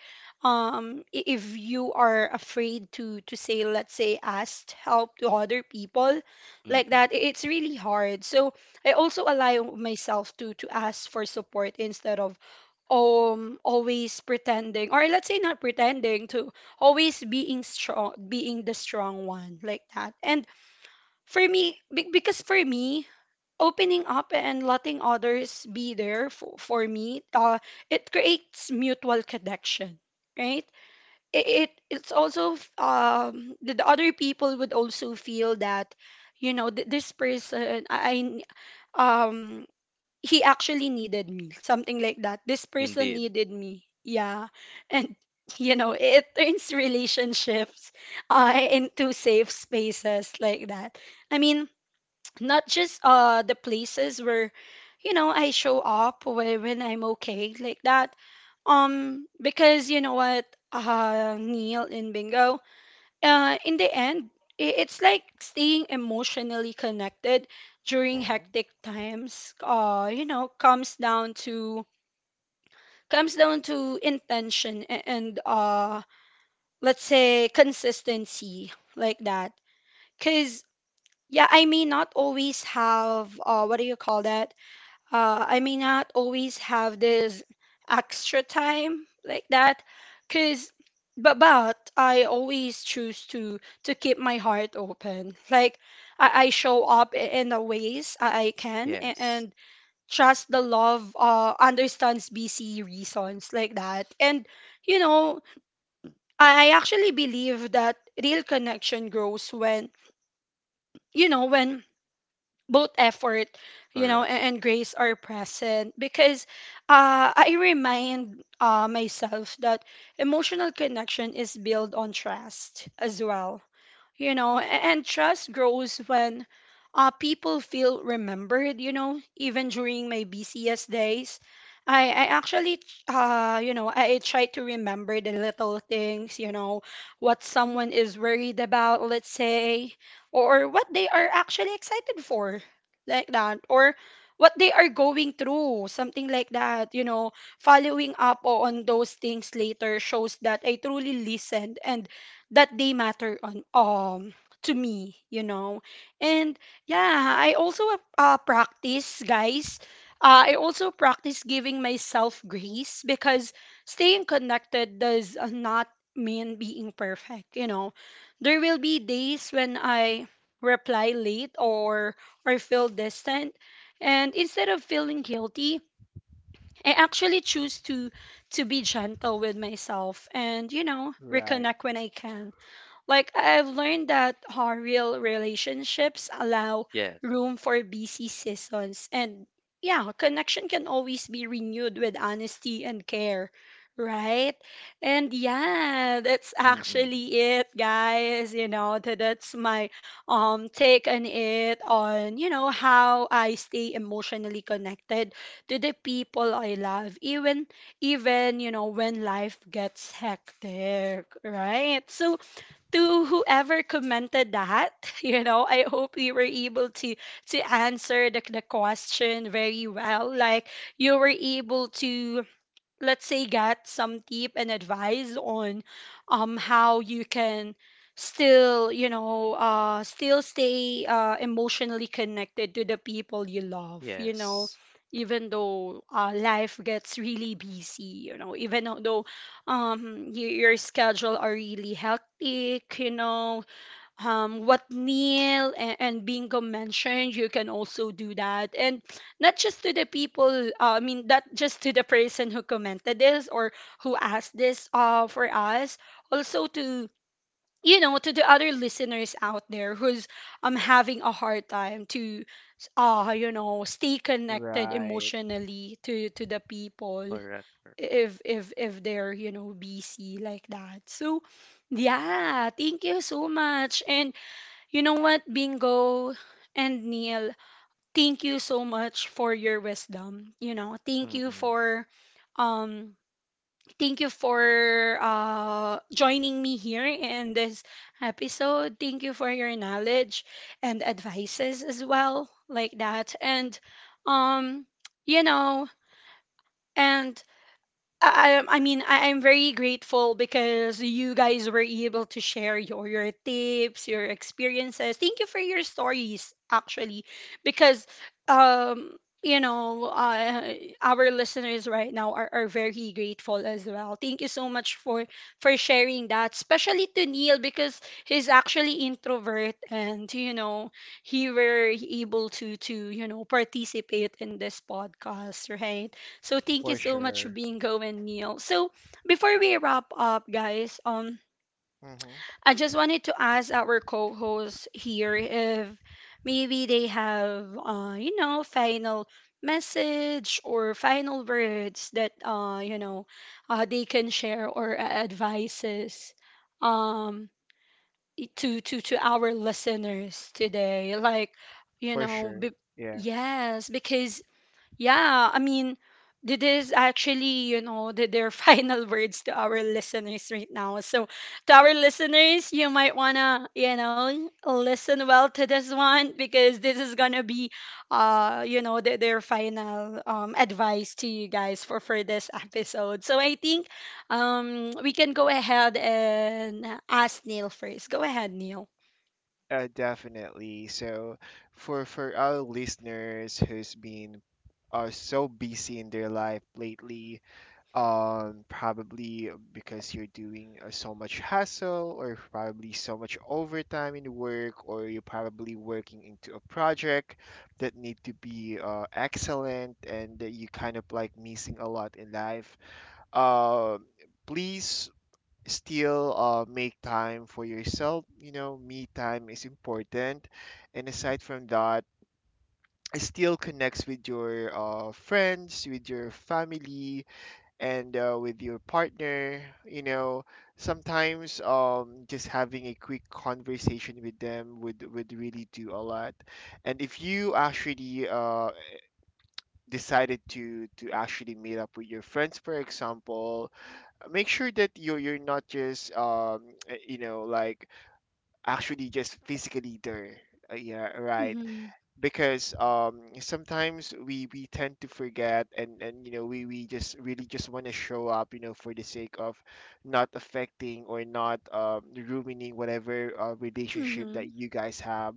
A: if you are afraid to say, let's say, ask help to other people like
C: Mm-mm.
A: that, it's really hard. So I also allow myself to ask for support instead of always pretending, or let's say not pretending to always being strong being the strong one like that. And for me, because for me, opening up and letting others be there for me, it creates mutual connection, right? It it's also the other people would also feel that, you know, this person I- um he actually needed me, something like that. This person
C: Indeed.
A: needed me. Yeah. And [laughs] you know, it turns [laughs] relationships into safe spaces like that. I mean, [tsk] not just the places where you know I show up where, when I'm okay like that. Because you know what, Neil and Bingo, in the end, it's like staying emotionally connected during
B: Mm-hmm.
A: hectic times. You know, comes down to intention and let's say consistency like that. Cause yeah, I may not always have what do you call that? I may not always have this extra time like that. Cuz but I always choose to keep my heart open. Like I show up in the ways I can,
C: Yes.
A: and trust the love understands BC reasons like that. And you know, I actually believe that real connection grows when you know when both effort, you know,
C: Correct.
A: and grace are present. Because I remind myself that emotional connection is built on trust as well, you know. And trust grows when people feel remembered, you know, even during my busiest days. I actually you know, I try to remember the little things, you know. What someone is worried about, let's say, or what they are actually excited for like that, or what they are going through, something like that, you know. Following up on those things later shows that I truly listened and that they matter on to me, you know. And yeah, I also practice, guys, I also practice giving myself grace. Because staying connected does not mean being perfect, you know. There will be days when I reply late, or feel distant, and instead of feeling guilty, I actually choose to be gentle with myself, and you know
B: Right,
A: reconnect when I can. Like I've learned that real relationships allow
C: Yes.
A: room for busy seasons, and yeah, connection can always be renewed with honesty and care, right? And yeah, that's
C: Mm-mm.
A: actually it, guys. You know, that's my take on it on, you know, how I stay emotionally connected to the people I love, even, you know, when life gets hectic, right? So to whoever commented that. [laughs] You know, I hope we were able to answer the question very well. Like you were able to, let's say, get some tip and advice on how you can still, still stay emotionally connected to the people you love, you know,
C: Yes.
A: even though life gets really busy, you know, even though your schedule are really hectic, what Neil and Bingo mentioned, you can also do that. And not just to the people, I mean, not just to the person who commented this or who asked this, for us, also to, you know, to the other listeners out there who's having a hard time to, you know, stay connected
B: right.
A: emotionally to the people
C: Correct.
A: if they're, you know, busy like that. So yeah, thank you so much. And you know what, Bingo and Neil, thank you so much for your wisdom. You know,
C: Mm-mm.
A: um thank you for joining me here in this episode. Thank you for your knowledge and advices as well, like that. And um you know, and I mean, I'm very grateful because you guys were able to share your tips, your experiences. Thank you for your stories, actually, because, um, you know, our listeners right now are very grateful as well. Thank you so much for sharing that, especially to Neil because he's actually introvert and, you know, he were able to, you know, participate in this podcast, right? So thank you
B: For
A: so much,
B: sure.
A: Bingo and Neil. So before we wrap up, guys,
B: Mm-hmm.
A: I just wanted to ask our co-hosts here if maybe they have, you know, final message or final words that, you know, they can share or advices, um, to our listeners today. Like, you
B: For
A: know,
B: sure.
A: be-
B: Yeah.
A: yes, because yeah, I mean, this is actually, you know, their [laughs] final words to our listeners right now. So, to our listeners, you might wanna, you know, listen well to this one because this is gonna be, you know, their final advice to you guys for this [laughs] episode. So I think, we can go ahead and ask Neil first. Go ahead, Neil.
B: Definitely. So, for our listeners who's been are so busy in their life lately, probably because you're doing so much hassle, or probably so much overtime in work, or you're probably working into a project that need to be excellent, and that you kind of like missing a lot in life, uh, please still make time for yourself. You know, me time is important. And aside from that, it still connects with your friends, with your family, and with your partner, you know. Sometimes just having a quick conversation with them would really do a lot. And if you actually decided to actually meet up with your friends, for example, make sure that you're not just actually just physically there. Yeah, right,
A: Mhm.
B: because sometimes we tend to forget, and we just really just want to show up, you know, for the sake of not affecting or not ruining whatever relationship
A: Mhm.
B: that you guys have.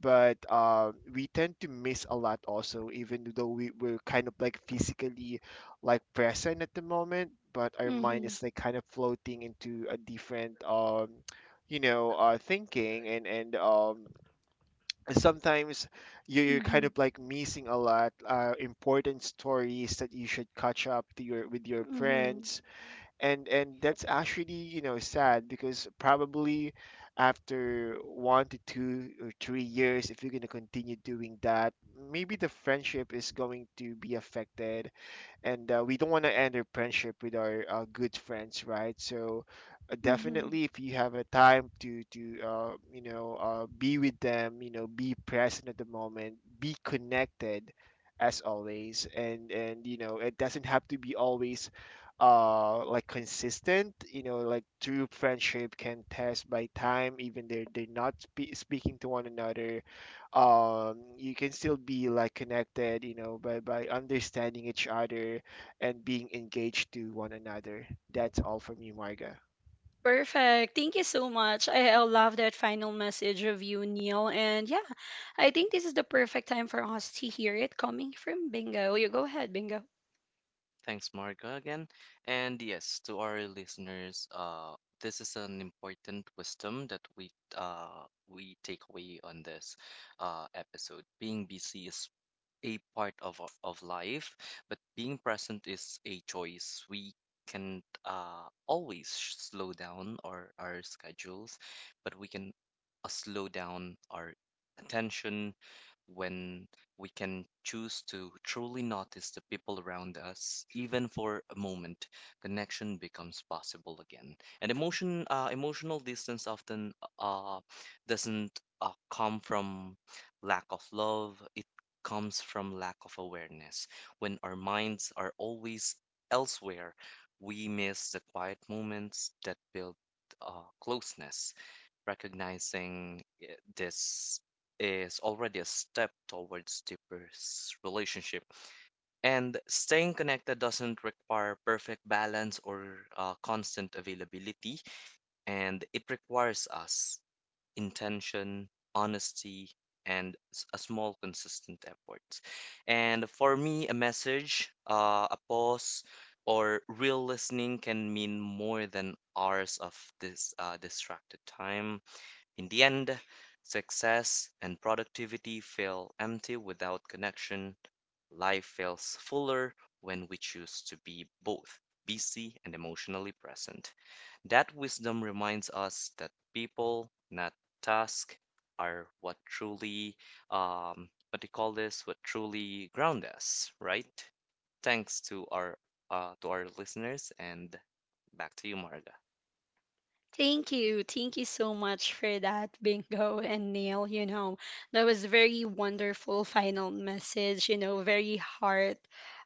B: But we tend to miss a lot also, even though we're kind of like physically like present at the moment, but our mind
A: Mhm.
B: is like kind of floating into a different, you know, thinking, and sometimes you're kind
A: Mhm.
B: of like missing a lot, important stories that you should catch up to your with your
A: Mhm.
B: friends. And that's actually, you know, sad, because probably after 1 to 2 or 3 years, if you're going to continue doing that, maybe the friendship is going to be affected, and we don't want to end our friendship with our good friends, right? So
A: Mhm.
B: definitely, if you have a time to be with them, you know, be present at the moment, be connected as always, and you know, it doesn't have to be always like consistent, you know. Like, true friendship can test by time, even they're not speaking to one another. You can still be like connected, you know, by understanding each other and being engaged to one another. That's all from you, Marga.
A: Perfect. Thank you so much. I love that final message of you, Neil. And yeah, I think this is the perfect time for us to hear it coming from Bingo. You go ahead, Bingo.
C: Thanks, Marga, again. And yes, to our listeners, this is an important wisdom that we take away on this episode. Being busy is a part of of life, but being present is a choice. We can always slow down our schedules, but we can slow down our attention. When we can choose to truly notice the people around us, even for a moment, connection becomes possible again. And emotional distance often uh, doesn't come from lack of love, comes from lack of awareness. When our minds are always elsewhere, we miss the quiet moments that build closeness. Recognizing this is already a step towards deeper relationship. And staying connected doesn't require perfect balance or constant availability, and it requires us intention, honesty, and a small consistent effort. And for me, a message, a pause, or real listening can mean more than hours of this distracted time. In the end, success and productivity feel empty without connection. Life feels fuller when we choose to be both busy and emotionally present. That wisdom reminds us that people, not tasks, are what truly, what they call this, what truly ground us, right? Thanks to our listeners, and back to you, Marga.
A: Thank you. Thank you so much for that, [laughs] Bingo and Neil. You know, that was very wonderful final message, you know, very heart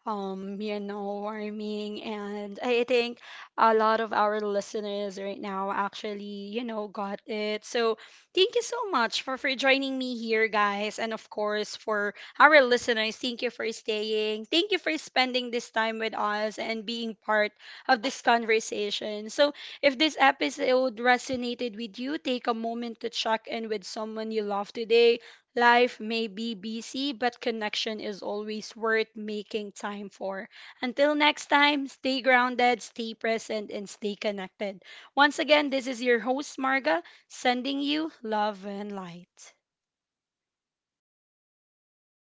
A: you know, warming. And I think a lot of our listeners right now actually, you know, got it. So thank you so much for joining me here, guys. And of course for our listeners, thank you for staying. Thank you for spending this time with us and being part of this conversation. So if this episode resonated with you, take a moment to check in with someone you love today. Life may be busy, but connection is always worth making time for. Until next time, stay grounded, stay present, and stay connected. Once again, this is your host, Marga, sending you love and light.